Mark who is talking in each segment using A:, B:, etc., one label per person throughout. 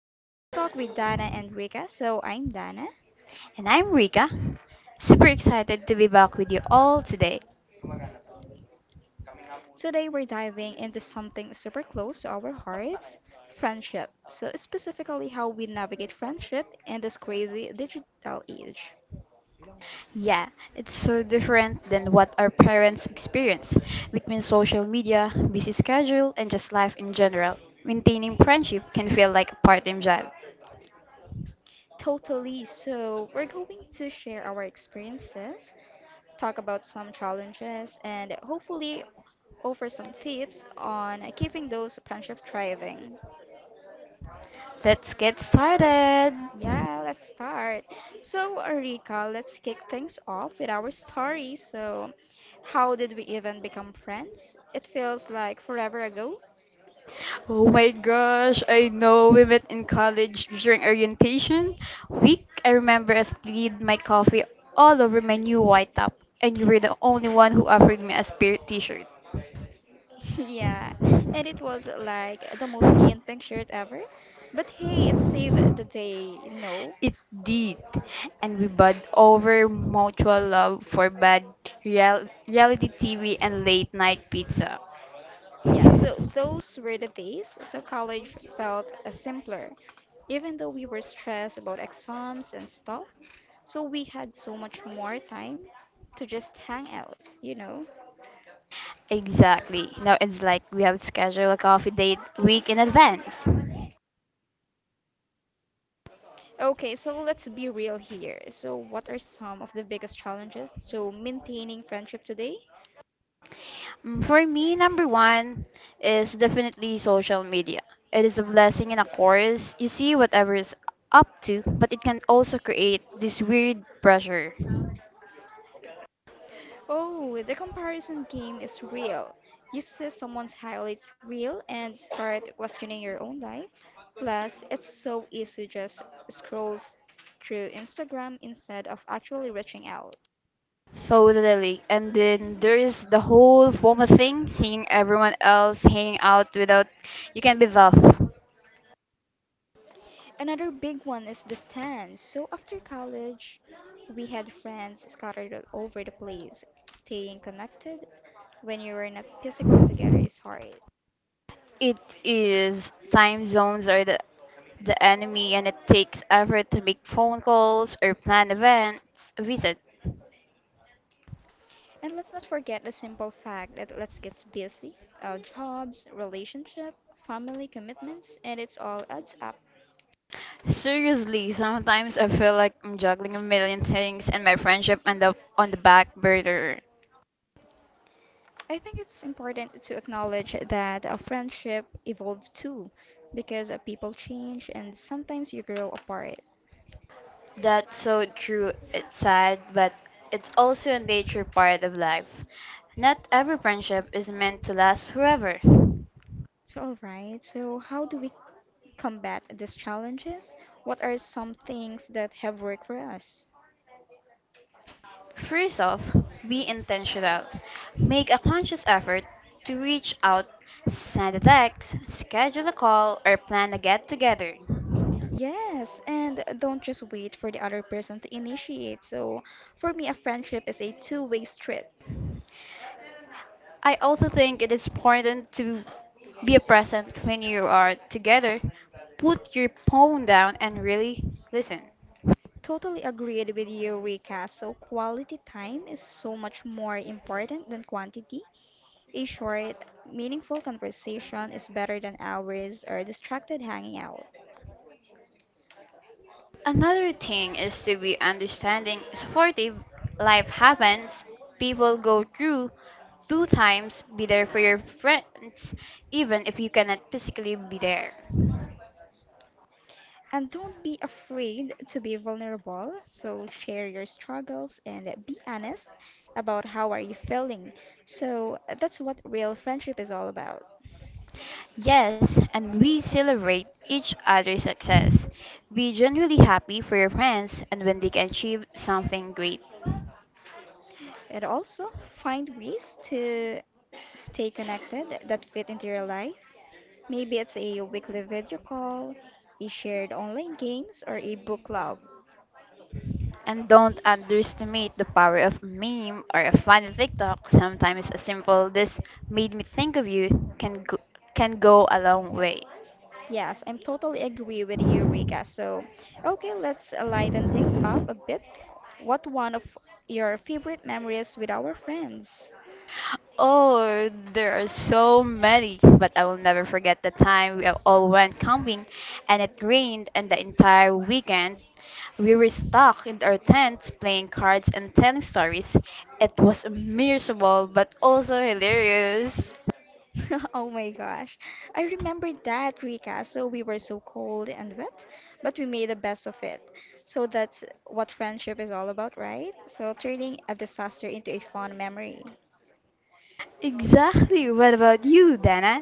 A: to Real Talk with Dana and Rika. I'm Dana.
B: And I'm Rika. Super excited to be back with you all today.
A: Today, we're diving into something super close to our hearts friendship. So, specifically, how we navigate friendship in this crazy digital age.
B: Yeah, it's so different than what our parents experience between social media, busy schedule, and just life in general. Maintaining friendship can feel like a part time job.
A: Totally. We're going to share our experiences, talk about some challenges, and hopefully offer some tips on keeping those friendships thriving.
B: Let's get started!
A: Yeah, let's start. So, Rika, let's kick things off with our story. So, how did we even become friends? It feels like forever ago.
B: Oh my gosh, I know we met in college during orientation week. I remember I spilled my coffee all over my new white top, and you were the only one who offered me a spirit t shirt.
A: Yeah, and it was like the most neon pink shirt ever. But hey, it saved the day, you know?
B: It did, and we bond over mutual love for bad reality TV and late night pizza.
A: Yeah, so those were the days. So, college felt simpler. Even though we were stressed about exams and stuff, so we had so much more time to just hang out.
B: Exactly. Now it's like we have scheduled a coffee date week in advance.
A: Okay, so let's be real here. So, what are some of the biggest challenges to maintaining friendship today?
B: For me, number one is definitely social media. It is a blessing and a curse. You see whatever is up to, but it can also create this weird pressure.
A: Oh, the comparison game is real. You see someone's highlight reel and start questioning your own life. Plus, it's so easy just scroll through Instagram instead of actually reaching out.
B: Totally. And then there's the whole formal thing, seeing everyone else hanging out without you can be off.
A: Another big one is the distance. So after college, we had friends scattered all over the place. Staying connected when you are not physically together is hard.
B: It is time zones are the enemy, and it takes effort to make phone calls or plan events, visit.
A: And let's not forget the simple fact that let's get busy. Our jobs, relationship, family commitments, and it's all adds up.
B: Seriously, sometimes I feel like I'm juggling a million things and my friendship end up on the back burner.
A: I think it's important to acknowledge that a friendship evolved too, because people change and sometimes you grow apart.
B: That's so true. It's sad, but it's also a nature part of life. Not every friendship is meant to last forever.
A: So, all right. So, how do we combat these challenges? What are some things that have worked for us?
B: First off, be intentional. Make a conscious effort to reach out, send a text, schedule a call, or plan a get together.
A: Yes, and don't just wait for the other person to initiate. So, for me, a friendship is a two-way street.
B: I also think it is important to be present when you are together. Put your phone down and really listen.
A: Totally agreed with you, Rika. So, quality time is so much more important than quantity. A short, meaningful conversation is better than hours or distracted hanging out.
B: Another thing is to be understanding, supportive. Life happens, people go through two times, be there for your friends, even if you cannot physically be there.
A: And don't be afraid to be vulnerable. So share your struggles and be honest about how are you feeling. So that's what real friendship is all about.
B: Yes, and we celebrate each other's success. Be genuinely happy for your friends and when they can achieve something great.
A: And also find ways to stay connected that fit into your life. Maybe it's a weekly video call, a shared online games, or a book club.
B: And don't underestimate the power of a meme or a funny TikTok. Sometimes a simple "this made me think of you" can go a long way.
A: Yes, I'm totally agree with you, Riga. So, okay, let's lighten things up a bit. What one of your favorite memories with our friends?
B: Oh, there are so many, but I will never forget the time we all went camping and it rained and the entire weekend. We were stuck in our tents playing cards and telling stories. It was miserable but also hilarious.
A: Oh my gosh. I remember that, Rika. So we were so cold and wet, but we made the best of it. So that's what friendship is all about, right? So turning a disaster into a fun memory.
B: Exactly. What about you, Dana?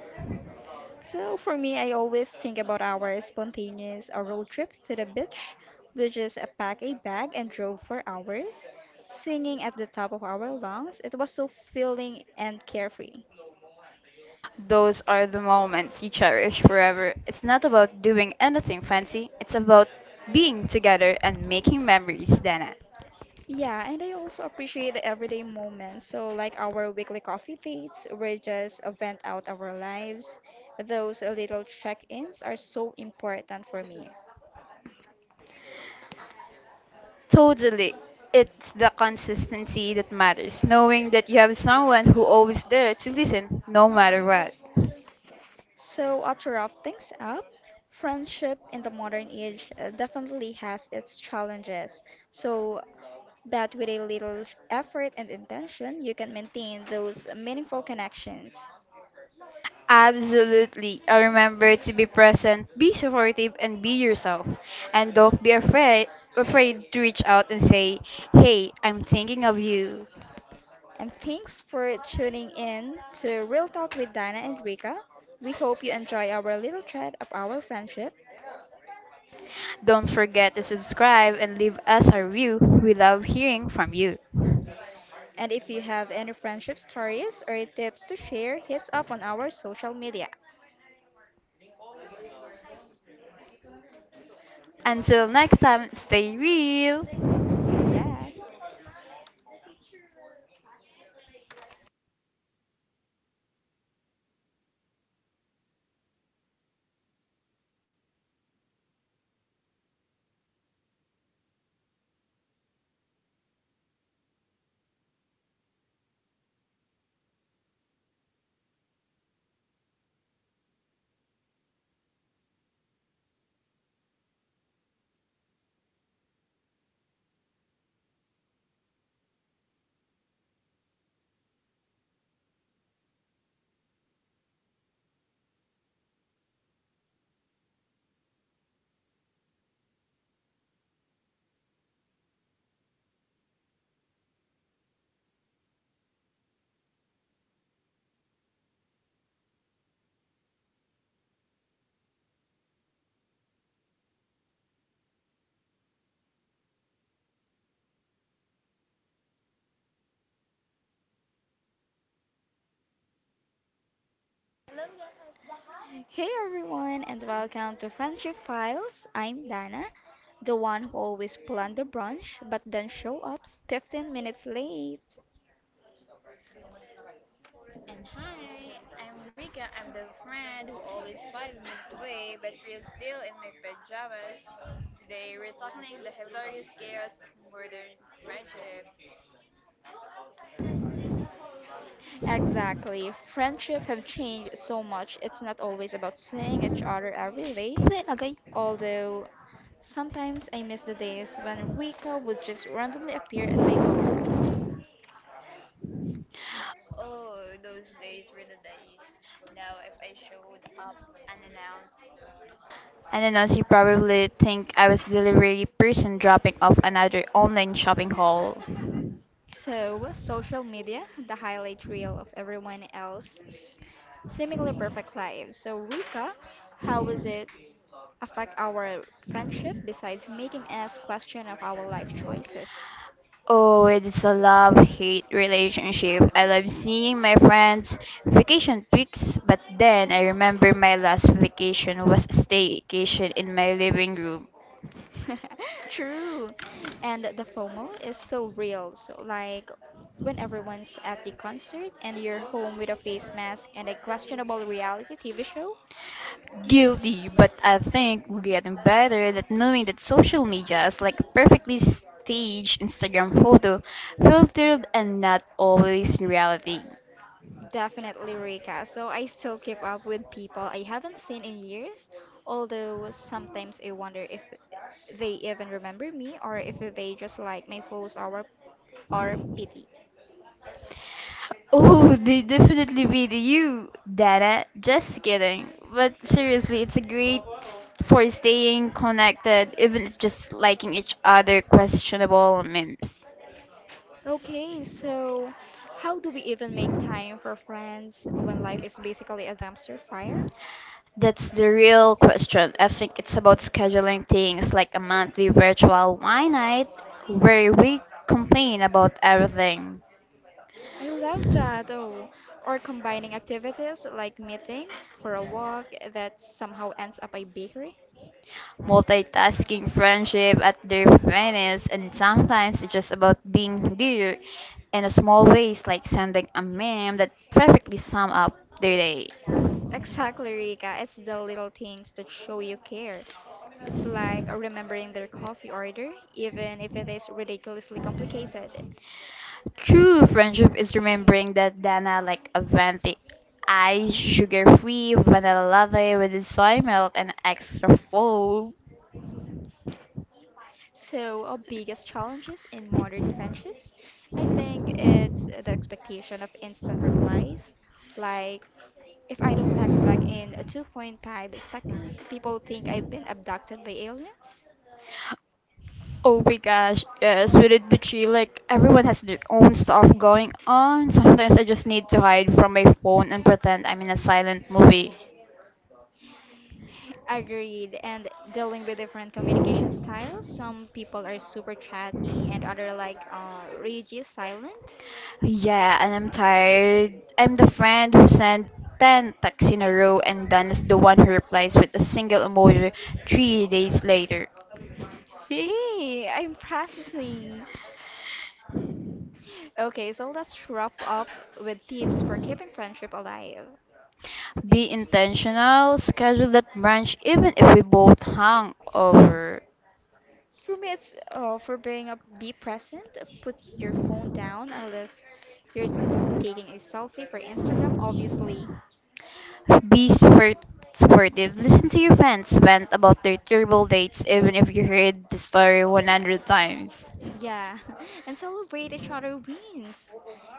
A: So for me, I always think about our spontaneous road trip to the beach. We just packed a bag and drove for hours, singing at the top of our lungs. It was so filling and carefree.
B: Those are the moments you cherish forever. It's not about doing anything fancy, it's about being together and making memories, Dana.
A: Yeah, and I also appreciate the everyday moments. So like our weekly coffee dates, we just vent out our lives. Those little check-ins are so important for me.
B: Totally. It's the consistency that matters, knowing that you have someone who always there to listen, no matter what.
A: So, to wrap things up, friendship in the modern age definitely has its challenges. So, but with a little effort and intention, you can maintain those meaningful connections.
B: Absolutely. I remember to be present, be supportive, and be yourself. And don't be afraid to reach out and say, "Hey, I'm thinking of you."
A: And thanks for tuning in to Real Talk with Dina and Rika. We hope you enjoy our little thread of our friendship.
B: Don't forget to subscribe and leave us a review. We love hearing from you.
A: And if you have any friendship stories or tips to share, hit us up on our social media.
B: Until next time, stay real.
A: Yes. Hey everyone, and welcome to Friendship Files. I'm Dana, the one who always planned the brunch but then show up 15 minutes late. Exactly, friendships have changed so much. It's not always about seeing each other every day,
B: Nilagay.
A: although sometimes I miss the days when Rika would just randomly appear at my door.
B: I don't know, she probably think I was delivery person dropping off another online shopping haul.
A: So, social media, the highlight reel of everyone else's seemingly perfect lives. So, Rika, how was it affect our friendship besides making us question of our life choices.
B: Oh, it is a love-hate relationship. I love seeing my friends' vacation pics, but then I remember my last vacation was a staycation in my living room.
A: True. And the FOMO is so real. So like when everyone's at the concert and you're home with a face mask and a questionable reality TV show,
B: Guilty, but I think we're getting better at knowing that social media is like a perfectly staged Instagram photo, filtered and not always reality.
A: definitely Rika. So I still keep up with people I haven't seen in years, although sometimes I wonder if they even remember me or if they just like my photos or pity.
B: Oh, they definitely beat you, Dada. Just kidding. But seriously, it's a great for staying connected, even it's just liking each other questionable memes.
A: Okay, so how do we even make time for friends when life is basically a dumpster fire?
B: That's the real question. I think it's about scheduling things like a monthly virtual wine night where we complain about everything.
A: I love that. Oh, or combining activities like meetings for a walk that somehow ends up a bakery.
B: Multitasking friendship at their finest, and sometimes it's just about being there in a small ways, like sending a meme that perfectly sum up their day.
A: Exactly, Rika. It's the little things that show you care. It's like remembering their coffee order, even if it is ridiculously complicated.
B: True friendship is remembering that Dana like a venti ice, sugar-free vanilla latte with soy milk and extra foam.
A: So, our biggest challenges in modern friendships, I think it's the expectation of instant replies. Like, if I don't text back in 2.5 seconds, people think I've been abducted by aliens.
B: Oh my gosh, yes, with it Gucci, like everyone has their own stuff going on. Sometimes I just need to hide from my phone and pretend I'm in a silent movie.
A: Agreed, and dealing with different communication styles, some people are super chatty and other like rigid silent.
B: Yeah, and I'm tired. I'm the friend who sent 10 texts in a row and then is the one who replies with a single emoji 3 days later.
A: Hey, I'm processing. Okay, so let's wrap up with tips for keeping friendship alive.
B: Be intentional, schedule that brunch even if we both hung over.
A: For me, it's for being up, be present. Put your phone down unless you're taking a selfie for Instagram, obviously.
B: Be sportive, listen to your friends vent about their terrible dates even if you heard the story 100 times.
A: Yeah, and celebrate each other wins,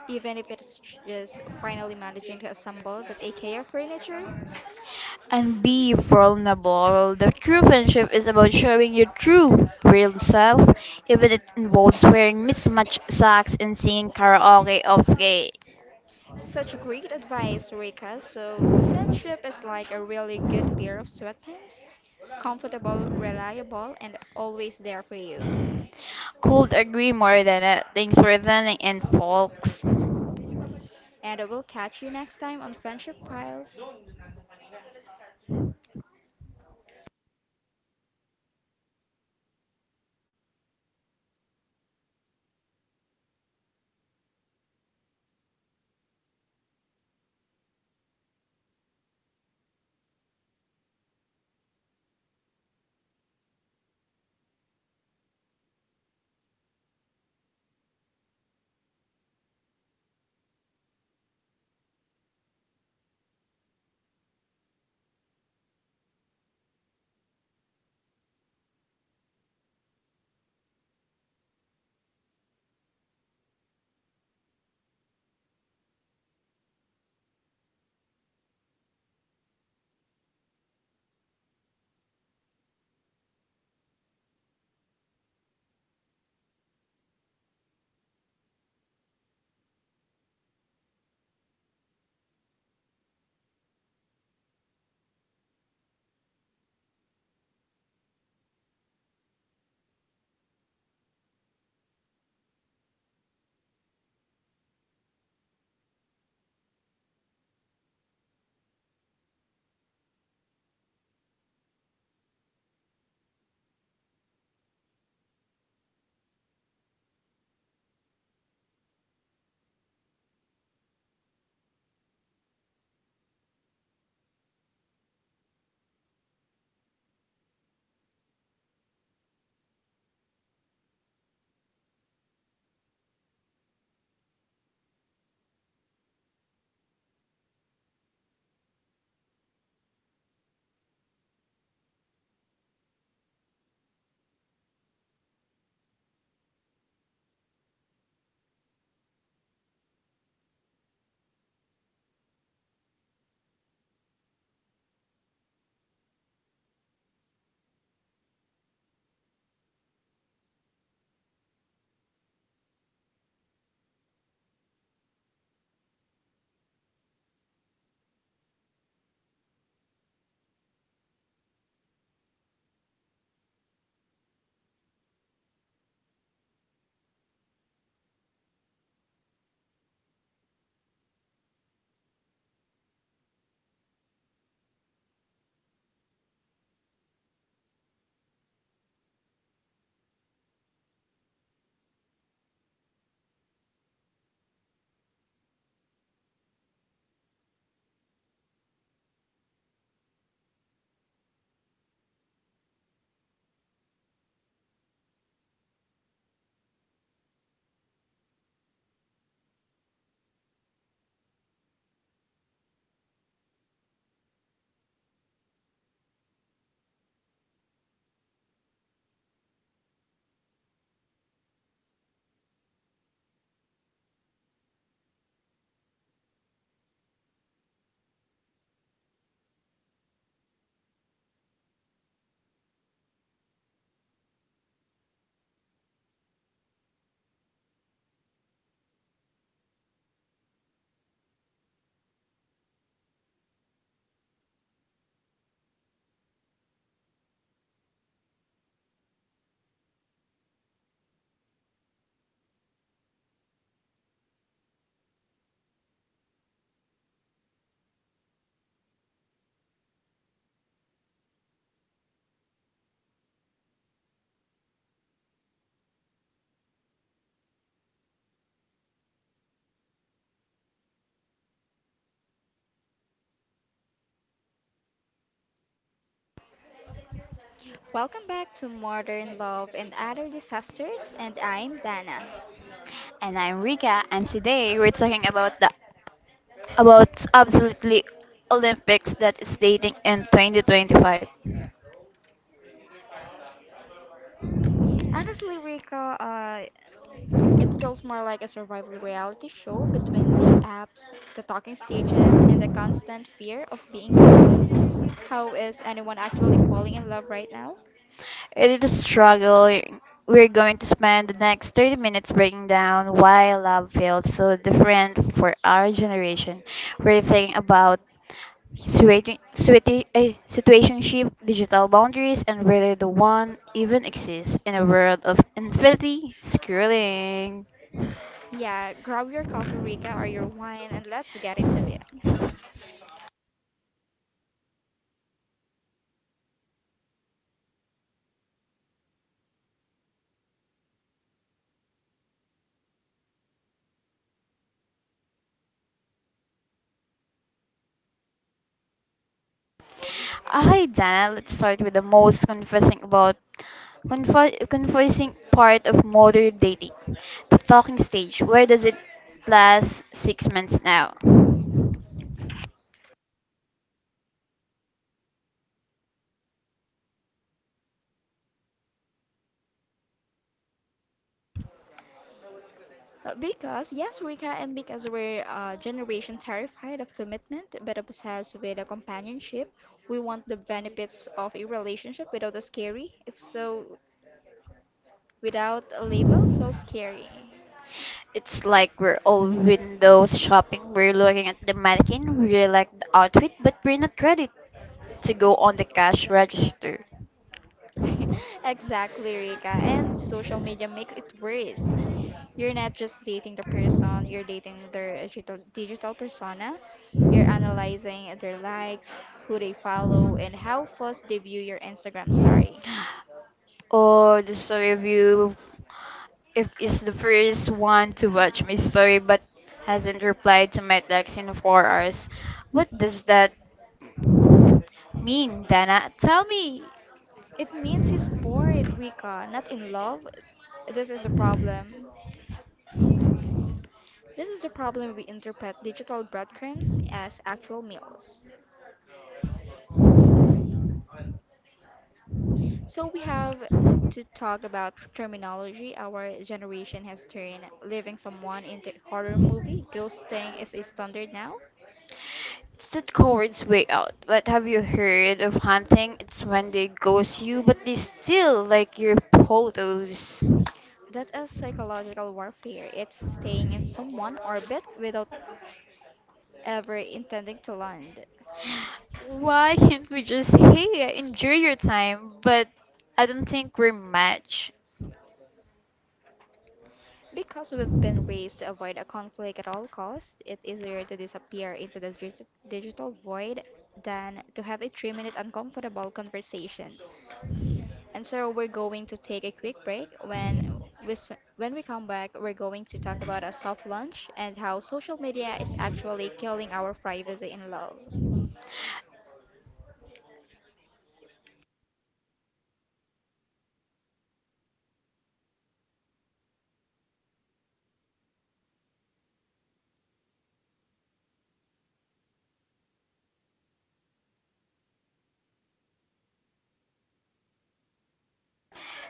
A: even if it's just finally managing to assemble that IKEA furniture.
B: And be vulnerable. The true friendship is about showing your true, real self, even if it involves wearing mismatched socks and singing karaoke off gay.
A: Such a great advice, Rika. So, friendship is like a really good pair of sweatpants, comfortable, reliable, and always there for you.
B: Could agree more than it. Thanks for listening in, folks. And
A: And I will catch you next time on Friendship Files. Welcome back to Modern Love and Other Disasters, and I'm Dana.
B: I'm Rika, and today we're talking about the About absolutely Olympics that is dating in 2025.
A: Honestly, Rika, it feels more like a survival reality show between the apps, the talking stages, and the constant fear of being ghosted. How is anyone actually falling in love right now?
B: It is a struggle. We're going to spend the next 30 minutes breaking down why love feels so different for our generation. We're thinking about situationship, digital boundaries, and whether the one even exists in a world of infinity scrolling.
A: Yeah, grab your coffee, Rika, or your wine, and let's get into it.
B: Hi, Dana. Let's start with the most confusing part of modern dating, the talking stage. Where does it last 6 months now?
A: Because, yes, we and because we're a generation terrified of commitment but obsessed with a companionship, we want the benefits of a relationship without a scary. It's so, without a label, so scary.
B: It's like we're all window shopping. We're looking at the mannequin. We like the outfit, but we're not ready to go on the cash register.
A: Exactly, Rika. And social media makes it worse. You're not just dating the person, you're dating their digital persona. You're analyzing their likes, who they follow, and how fast they view your Instagram story.
B: Oh, the story of you if is the first one to watch my story but hasn't replied to my text in 4 hours. What does that mean, Dana? Tell me.
A: It means he's bored, Rika, not in love. This is the problem. This is the problem we interpret digital breadcrumbs as actual meals. So we have to talk about terminology. Our generation has turned leaving someone into horror movie. Ghosting is a standard now.
B: It's that coward's way out. But have you heard of hunting? It's when they ghost you, but they still like your photos.
A: That is psychological warfare. It's staying in someone orbit without ever intending to land.
B: Why can't we just hey, enjoy your time? But I don't think we're match.
A: Because we've been raised to avoid a conflict at all costs, it's easier to disappear into the digital void than to have a 3 minute uncomfortable conversation. And so we're going to take a quick break. We, s- when we come back, we're going to talk about a soft launch and how social media is actually killing our privacy in love.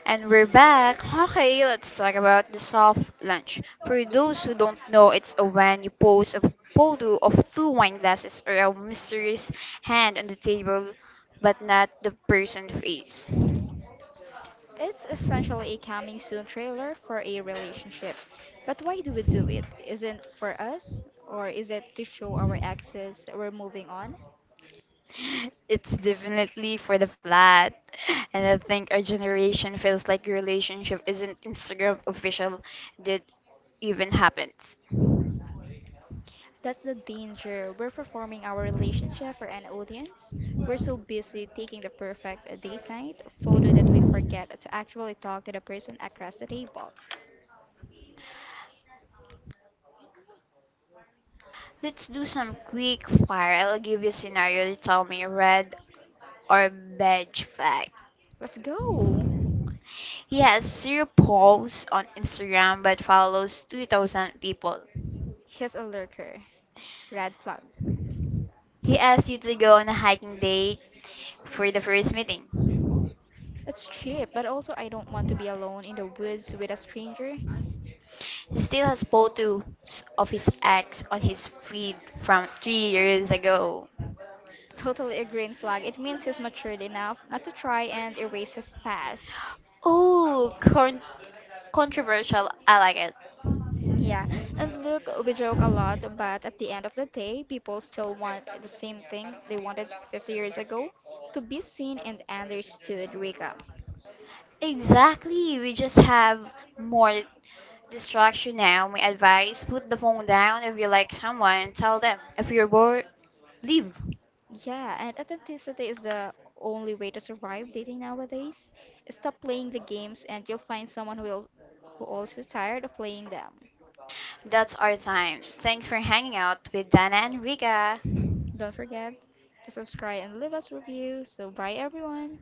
B: And we're back. Okay, let's talk about the soft lunch. For those who don't know, it's a when you pose a photo of two wine glasses or a mysterious hand on the table, but not the person's face.
A: It's essentially a coming soon trailer for a relationship. But why do we do it? Isn't for us? Or is it to show our exes we're moving on?
B: It's definitely for the flat. And I think our generation feels like relationship isn't Instagram official that even happens.
A: That's the danger. We're performing our relationship for an audience. We're so busy taking the perfect date night photo that we forget to actually talk to the person across the table.
B: Let's do some quick fire. I'll give you a scenario. You tell me red or beige flag.
A: Let's go!
B: He has zero posts on Instagram but follows 2,000 people.
A: He's a lurker. Red flag.
B: He asked you to go on a hiking date for the first meeting.
A: It's cheap, but also I don't want to be alone in the woods with a stranger.
B: He still has photos of his ex on his feed from 3 years ago.
A: Totally a green flag. It means he's matured enough not to try and erase his past.
B: Oh, controversial. I like it.
A: Yeah, and look, we joke a lot, but at the end of the day, people still want the same thing they wanted 50 years ago to be seen and understood, Rika.
B: Exactly. We just have more distraction now. My advice, put the phone down if you like someone, tell them. If you're bored, leave.
A: Yeah, and authenticity is the only way to survive dating nowadays. Stop playing the games, and you'll find someone who will, who also is tired of playing them.
B: That's our time. Thanks for hanging out with Dana and Riga.
A: Don't forget to subscribe and leave us a review. So, bye everyone.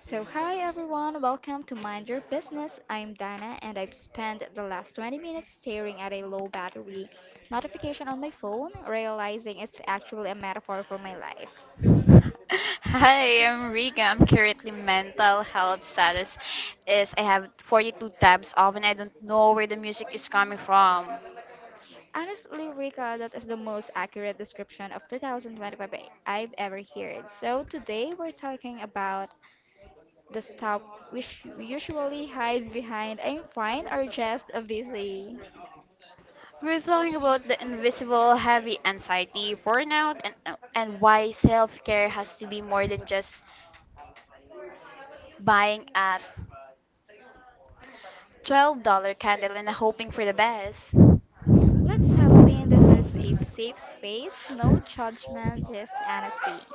A: So, hi everyone, welcome to Mind Your Business. I'm Dana and I've spent the last 20 minutes staring at a low battery notification on my phone, realizing it's actually a metaphor for my life.
B: Hi, I'm Riga. I'm currently mental health status is I have 42 tabs open. I don't know where the music is coming from.
A: Honestly, Rika, that is the most accurate description of 2025 I've ever heard. So, today we're talking about the stuff which we usually hide behind I'm fine or just busy.
B: We're talking about the invisible heavy anxiety, burnout, and why self-care has to be more than just buying a $12 candle and hoping for the best.
A: Let's settle in. This is a safe space, no judgment, just honesty.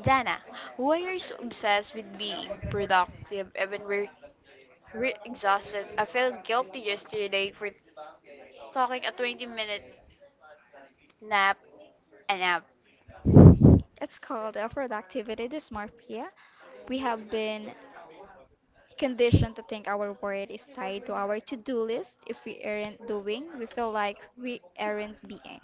B: Dana, why are you so obsessed with being productive even we're Re exhausted. I felt guilty yesterday for talking a 20 minute nap nap.
A: It's called a productivity dysmorphia. We have been conditioned to think our word is tied to our to do list. If we aren't doing, we feel like we aren't being.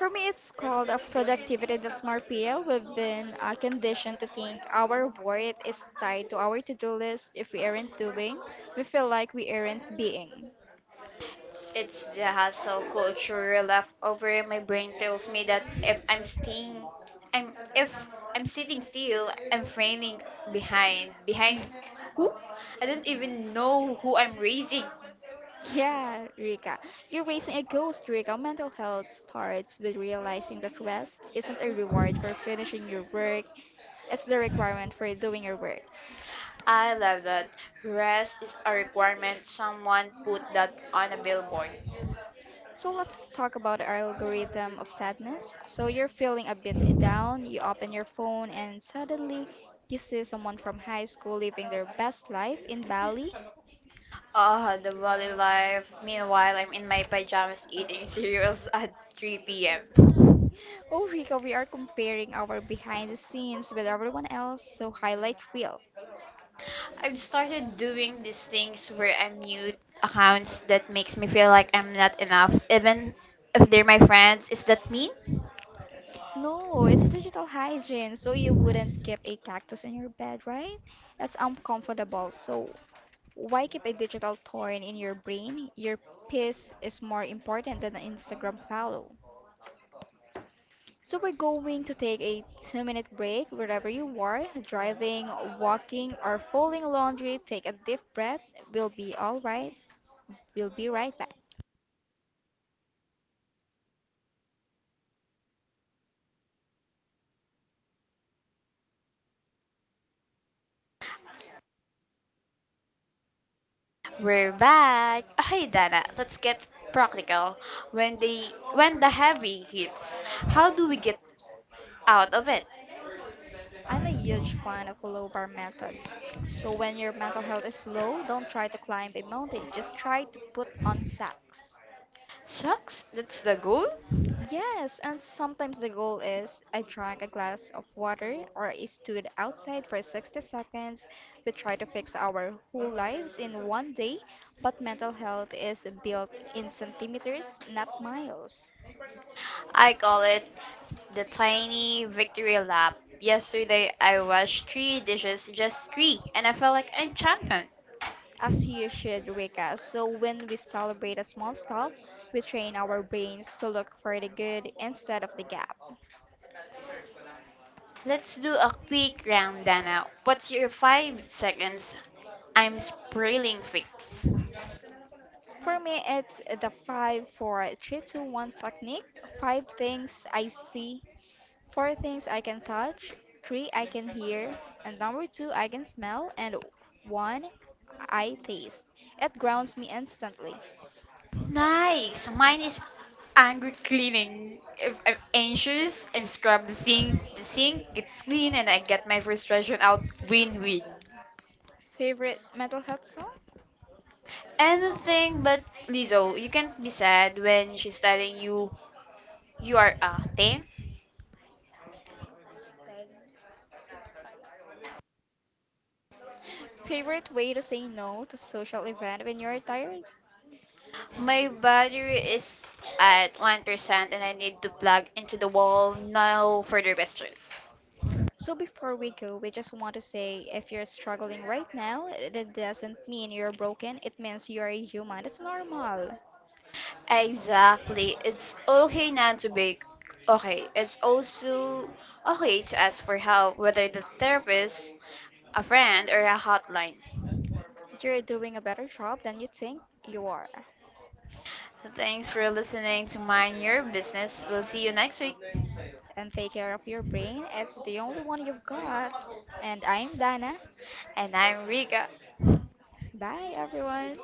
A: For me, it's called a productivity dysmorphia. We've been conditioned to think our worth is tied to our to do list. If we aren't doing, we feel like we aren't being.
B: It's the hustle culture left over in my brain tells me that if I'm sitting still, I'm failing behind. Behind who? I don't even know who I'm raising.
A: Yeah, Rika. You're raising a ghost, Rika. Mental health starts with realizing that rest isn't a reward for finishing your work, it's the requirement for doing your work.
B: I love that. Rest is a requirement. Someone put that on a billboard.
A: So let's talk about our algorithm of sadness. So you're feeling a bit down, you open your phone, and suddenly you see someone from high school living their best life in Bali.
B: Ah, the valley life. Meanwhile, I'm in my pajamas eating cereals at 3 p.m.
A: Oh, Rika, we are comparing our behind the scenes with everyone else, so highlight reel.
B: I've started doing these things where I mute accounts that makes me feel like I'm not enough, even if they're my friends. Is that mean?
A: No, it's digital hygiene, so you wouldn't keep a cactus in your bed, right? That's uncomfortable. So why keep a digital thorn in your brain? Your piss is more important than an Instagram follow. So we're going to take a two-minute break wherever you are, driving, walking, or folding laundry. Take a deep breath. We'll be all right. We'll be right back.
B: We're back. Hey Dana, let's get practical. When the heavy hits, how do we get out of it?
A: I'm a huge fan of low bar methods. So when your mental health is low, don't try to climb a mountain, just try to put on socks.
B: Shucks, that's the goal.
A: Yes, and sometimes the goal is I drank a glass of water or I stood outside for 60 seconds. We try to fix our whole lives in one day, but mental health is built in centimeters, not miles.
B: I call it the tiny victory lap. Yesterday, I washed three dishes, just three, and I felt like a champion.
A: As you should, Rika. So when we celebrate a small stuff, we train our brains to look for the good instead of the gap.
B: Let's do a quick round, Dana. What's your 5 seconds? I'm spraying fix.
A: For me, it's the 5-4-3-2-1 technique. 5 things I see, 4 things I can touch, 3 I can hear, and number 2 I can smell, and 1 I taste. It grounds me instantly.
B: Nice. Mine is angry cleaning. If I'm anxious, I scrub the sink. The sink gets clean, and I get my frustration out. Win-win.
A: Favorite mental health song?
B: Anything but Lizzo. You can't be sad when she's telling you are acting?
A: Favorite way to say no to social event when you're tired?
B: My battery is at 1% and I need to plug into the wall. No further question.
A: So before we go, we just want to say if you're struggling right now, that doesn't mean you're broken. It means you're a human. It's normal.
B: Exactly. It's okay not to be okay. It's also okay to ask for help, whether the therapist, a friend, or a hotline.
A: You're doing a better job than you think you are.
B: Thanks for listening to Mind Your Business. We'll see you next week.
A: And take care of your brain. It's the only one you've got. And I'm Dana.
B: And I'm Rika.
A: Bye, everyone.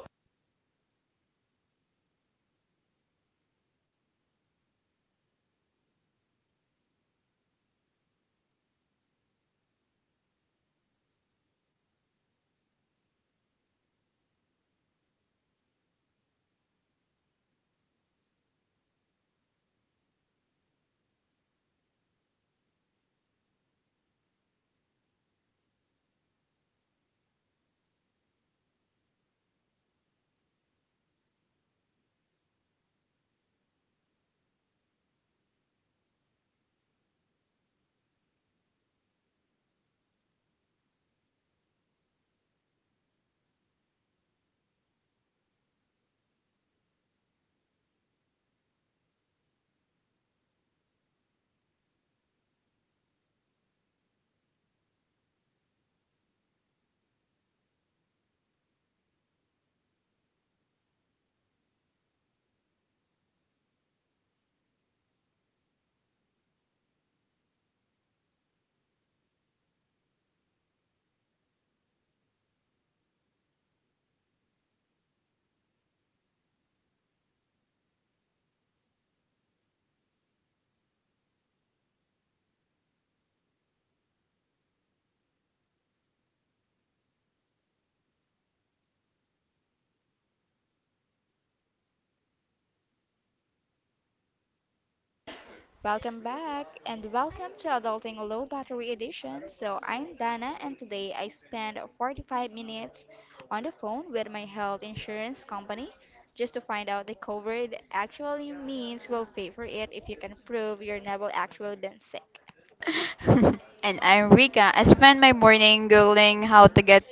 A: Welcome back and welcome to Adulting Low Battery Edition. So, I'm Dana and today I spent 45 minutes on the phone with my health insurance company just to find out the coverage actually means will pay for it if you can prove you've never actually been sick.
B: And I'm Rika. I spend my morning googling how to get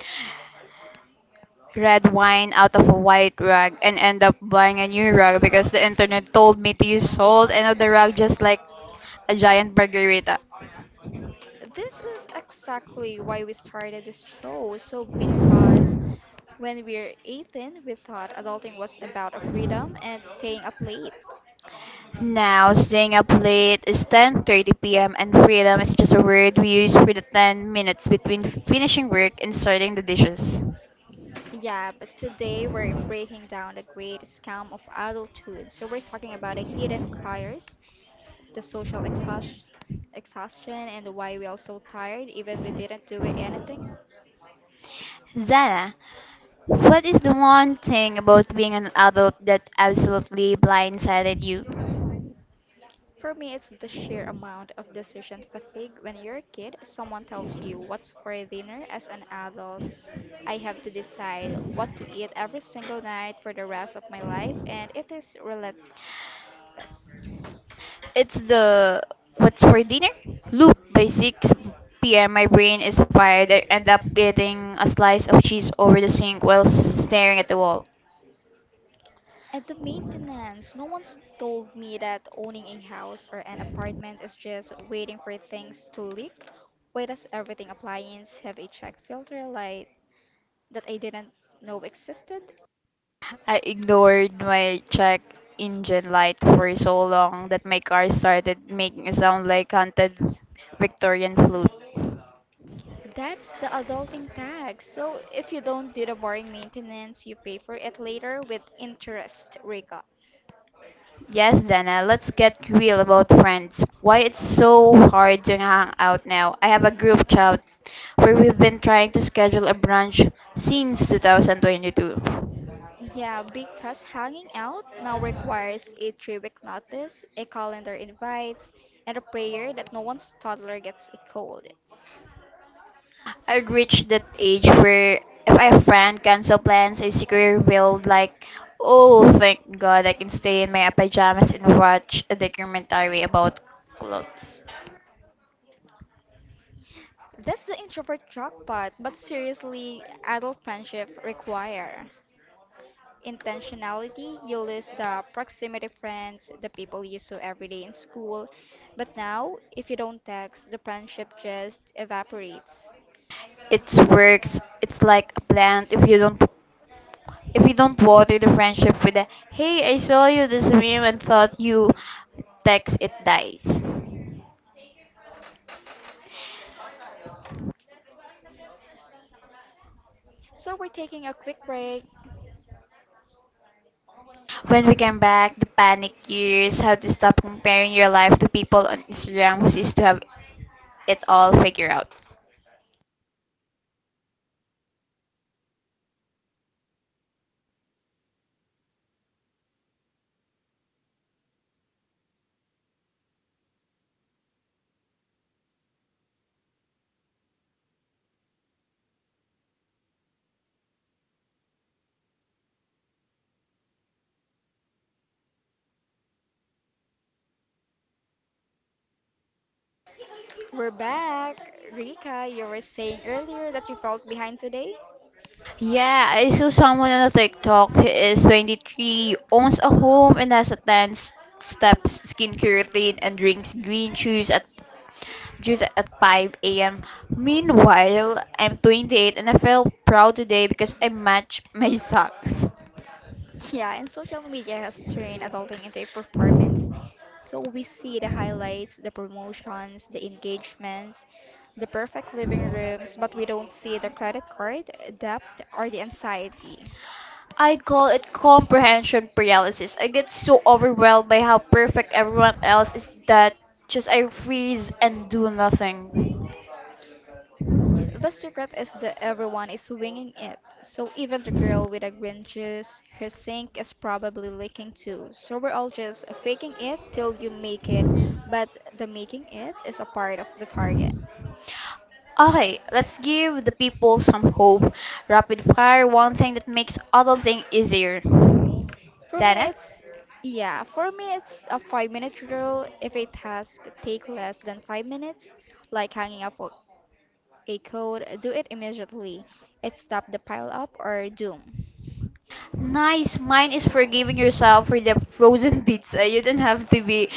B: red wine out of a white rag and end up buying a new rag because the internet told me to use salt and other rag just like a giant margarita.
A: This is exactly why we started this show. So, because when we were 18, we thought adulting was about a freedom and staying up late.
B: Now, staying up late is 10:30 p.m. and freedom is just a word we use for the 10 minutes between finishing work and starting the dishes.
A: Yeah, but today we're breaking down the great scam of adulthood. So we're talking about the hidden careers, the social exhaustion, and why we are so tired even we didn't do anything.
B: Zana, what is the one thing about being an adult that absolutely blindsided you?
A: For me, it's the sheer amount of decision fatigue. When you're a kid, someone tells you what's for dinner. As an adult, I have to decide what to eat every single night for the rest of my life, and it is relentless.
B: It's the What's for Dinner loop. By 6 p.m., my brain is fired. I end up eating a slice of cheese over the sink while staring at the wall.
A: At the maintenance, no one's told me that owning a house or an apartment is just waiting for things to leak. Why does everything appliance have a check filter light that I didn't know existed?
B: I ignored my check engine light for so long that my car started making a sound like haunted Victorian flute.
A: That's the adulting tax. So if you don't do the boring maintenance, you pay for it later with interest, Rika.
B: Yes, Dana, let's get real about friends. Why it's so hard to hang out now. I have a group chat where we've been trying to schedule a brunch since 2022.
A: Yeah, because hanging out now requires a three-week notice, a calendar invites, and a prayer that no one's toddler gets a cold.
B: I have reached that age where if I have friend cancel plans, I secretly will like, oh, thank God I can stay in my pajamas and watch a documentary about clothes.
A: That's the introvert jackpot, but seriously, adult friendship require intentionality. You lose the proximity friends, the people you saw every day in school, but now, if you don't text, the friendship just evaporates.
B: It works. It's like a plant. If you don't water the friendship with a "hey, I saw you this meme and thought you" text, it dies. When
A: So we're taking a quick break.
B: we came back, the panic years, how to stop comparing your life to people on Instagram who seems to have it all figured out.
A: We're back. Rika, you were saying earlier that you felt behind today?
B: Yeah, I saw someone on a TikTok who is 23, owns a home and has a 10 steps skincare routine and drinks green juice at 5 a.m. Meanwhile, I'm 28 and I feel proud today because I match my socks.
A: Yeah, and social media has turned adulting into a performance. So we see the highlights, the promotions, the engagements, the perfect living rooms, but we don't see the credit card, debt, or the anxiety.
B: I call it comprehension paralysis. I get so overwhelmed by how perfect everyone else is that just I freeze and do nothing.
A: The secret is that everyone is winging it. So even the girl with the green juice, her sink is probably leaking too. So we're all just faking it till you make it, but the making it is a part of the target.
B: Okay, let's give the people some hope. Rapid fire, one thing that makes adulting easier.
A: For me,
B: Dana?
A: it's yeah. For me, it's a five-minute rule. If a task take less than 5 minutes, like hanging up a code, do it immediately. It stop the pile up or doom.
B: Nice. Mine is forgiving yourself for the frozen pizza. You don't have to be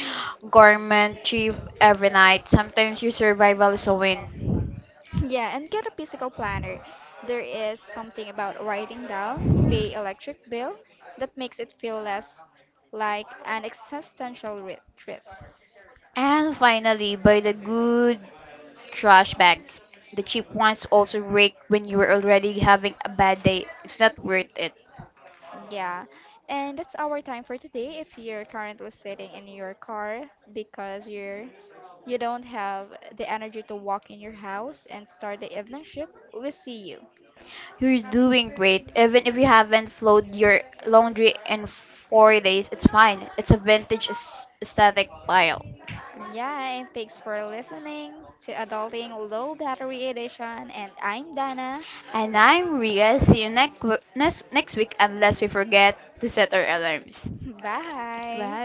B: gourmet chief every night. Sometimes your survival is a win.
A: Yeah, and get a physical planner. There is something about writing down pay electric bill that makes it feel less like an existential threat.
B: And finally, buy the good trash bags. The cheap ones also break when you are already having a bad day. It's not worth it.
A: Yeah, and that's our time for today. If you're currently sitting in your car because you don't have the energy to walk in your house and start the evening shift, we'll see you.
B: You're doing great. Even if you haven't folded your laundry in 4 days, it's fine. It's a vintage aesthetic pile.
A: Yeah, and thanks for listening to Adulting Low Battery Edition. And I'm Dana.
B: And I'm Ria. See you next week unless we forget to set our alarms.
A: Bye.